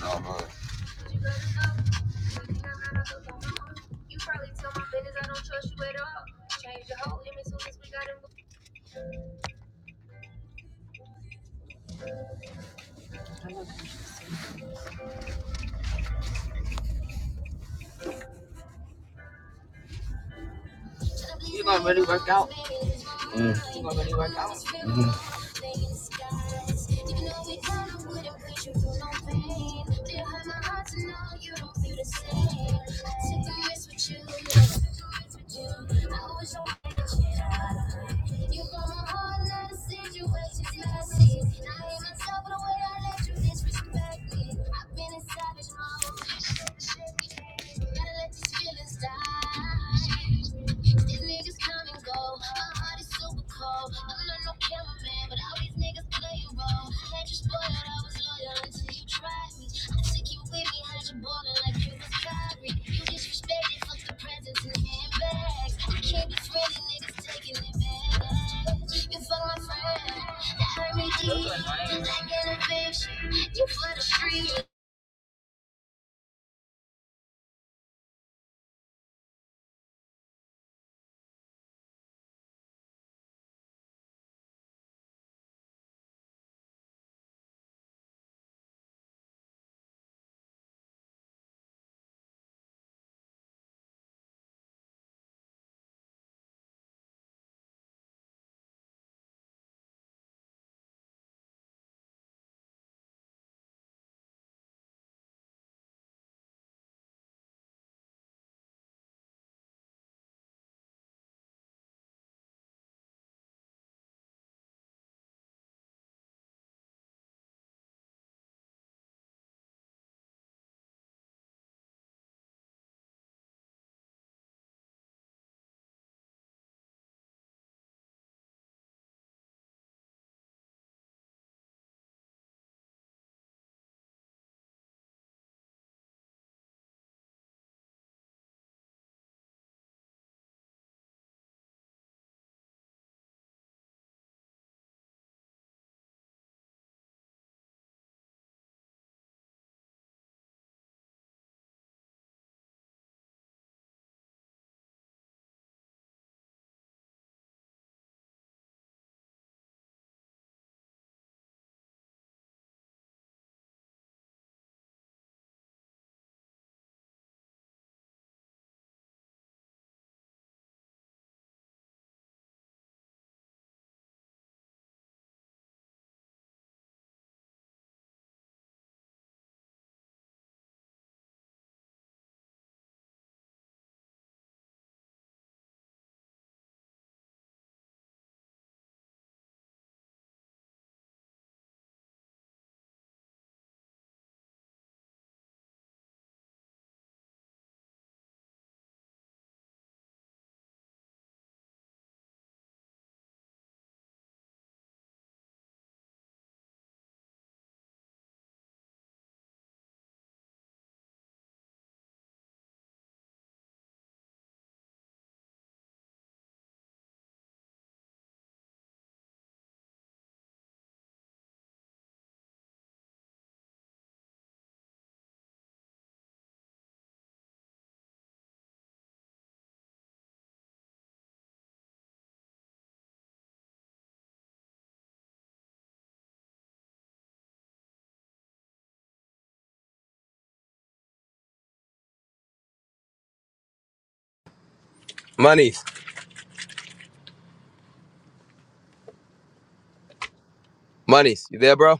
No, Monies. Monies. You there, bro?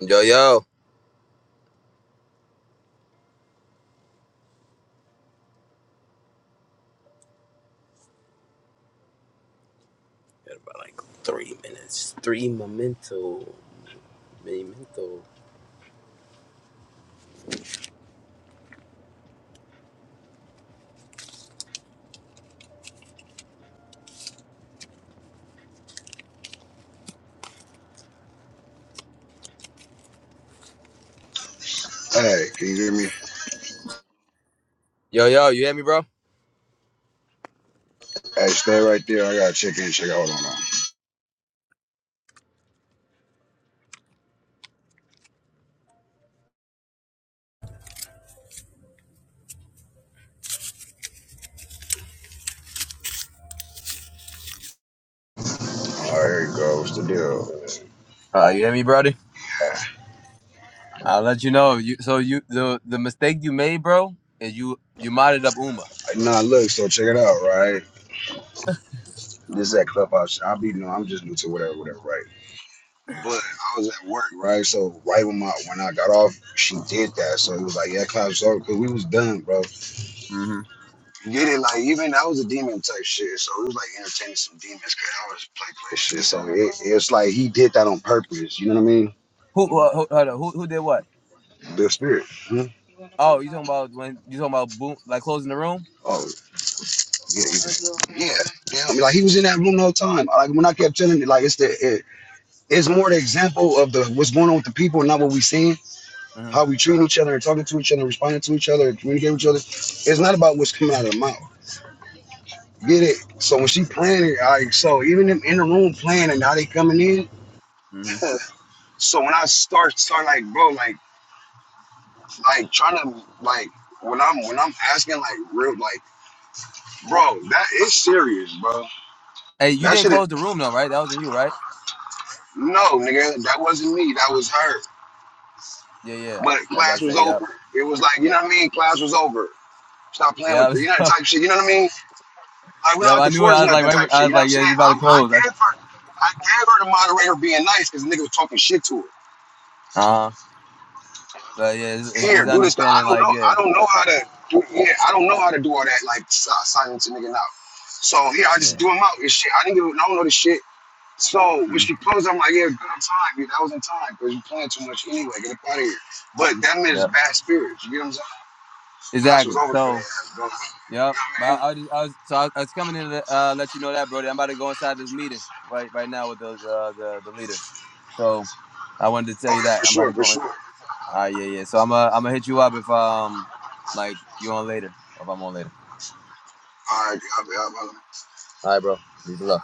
Yo, yo. Got about like three minutes. Three memento. Memento. hey, can you hear me? Yo, yo. You hear me, bro? Hey, stay right there. I gotta check in, check out. Hold on. now. All right, here you go. What's the deal? Uh, you hear me, brody? I'll let you know. You so you the the mistake you made, bro, is you you modded up Uma. Nah, look. So check it out, right? This is at clubhouse. I'll be you know, I'm just new to whatever, whatever, right? But I was at work, right? So right when my when I got off, she did that. So it was like, yeah, class over because we was done, bro. Mm-hmm. You Get it? Like even that was a demon type shit. So it was like entertaining some demons because I was play play shit. So it, it's like he did that on purpose. You know what I mean? Who who who, hold on, who who did what? The spirit. Mhm. Oh, you talking about when you talking about boom like closing the room? Yeah, yeah, yeah. yeah. I mean, like he was in that room the whole time. Like when I kept telling it, like it's the it, it's more the example of the what's going on with the people, not what we seeing, Mm-hmm. how we treat each other and talking to each other, responding to each other, and communicating with each other. It's not about what's coming out of their mouth. Get it? So when she playing it, like so, even them in the room playing and how they coming in. Mm-hmm. So when I start start like bro, like like trying to like when I'm when I'm asking like real like bro, that is serious, bro. Hey, you That didn't shit is close the room though, right? That was on you, right? no, nigga, that wasn't me. That was her. Yeah, yeah. But I was about to class was say, yep. over. It was like, you know what I mean? Class was over. Stop playing Yeah, I with the, you know, that type shit. You know what I mean? Like, we're yep. not I to knew it. I forge was like, nothing right, type I shit. was You know what I'm like, yeah, saying? it's about I, to I close. Uh gave her, I gave her the moderator being nice because the nigga was talking shit to her. huh. But yeah, it's, it's, it's Here, do this. But I understanding don't like know. yeah, I don't know how to do. Yeah, I don't know how to do all that. Like si- silence a nigga out. So yeah, I just yeah, do him out. and shit. I didn't give. I I don't know this shit. So when mm she posed, I'm like, yeah, good on time. Yeah, that was in time because you playing too much anyway. Get up out of here. But that that yeah, is bad spirits. You get what I'm saying? Class was exactly. over for that So ass, bro. yep. Yeah, But man. I, I, was, I was so I, I was coming in to uh, let you know that, Brody. I'm about to go inside this meeting right right now with the uh, the the leaders. So I wanted to tell Oh, you yeah, that for I'm about to sure, for go. In. sure. Ah yeah, yeah. So I'm uh, I'm gonna hit you up if um like you on later or if I'm on later. All right, I'll be, I'll be. All right, bro. Peace and love.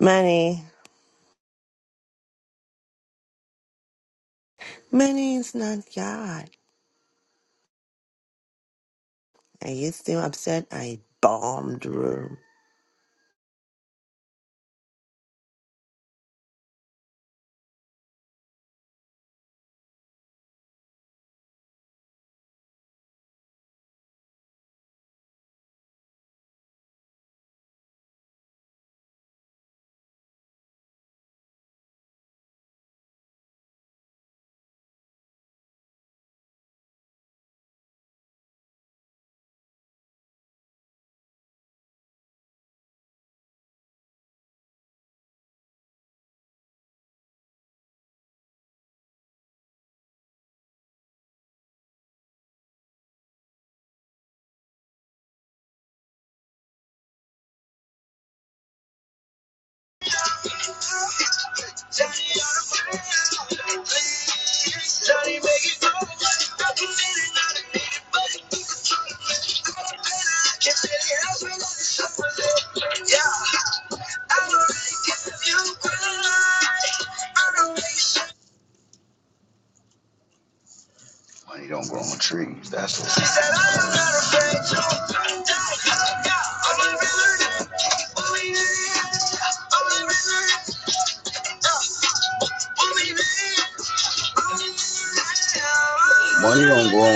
Money. Money is not God. Are you still upset I bombed the room? Money don't grow on trees. That's what. Money don't grow on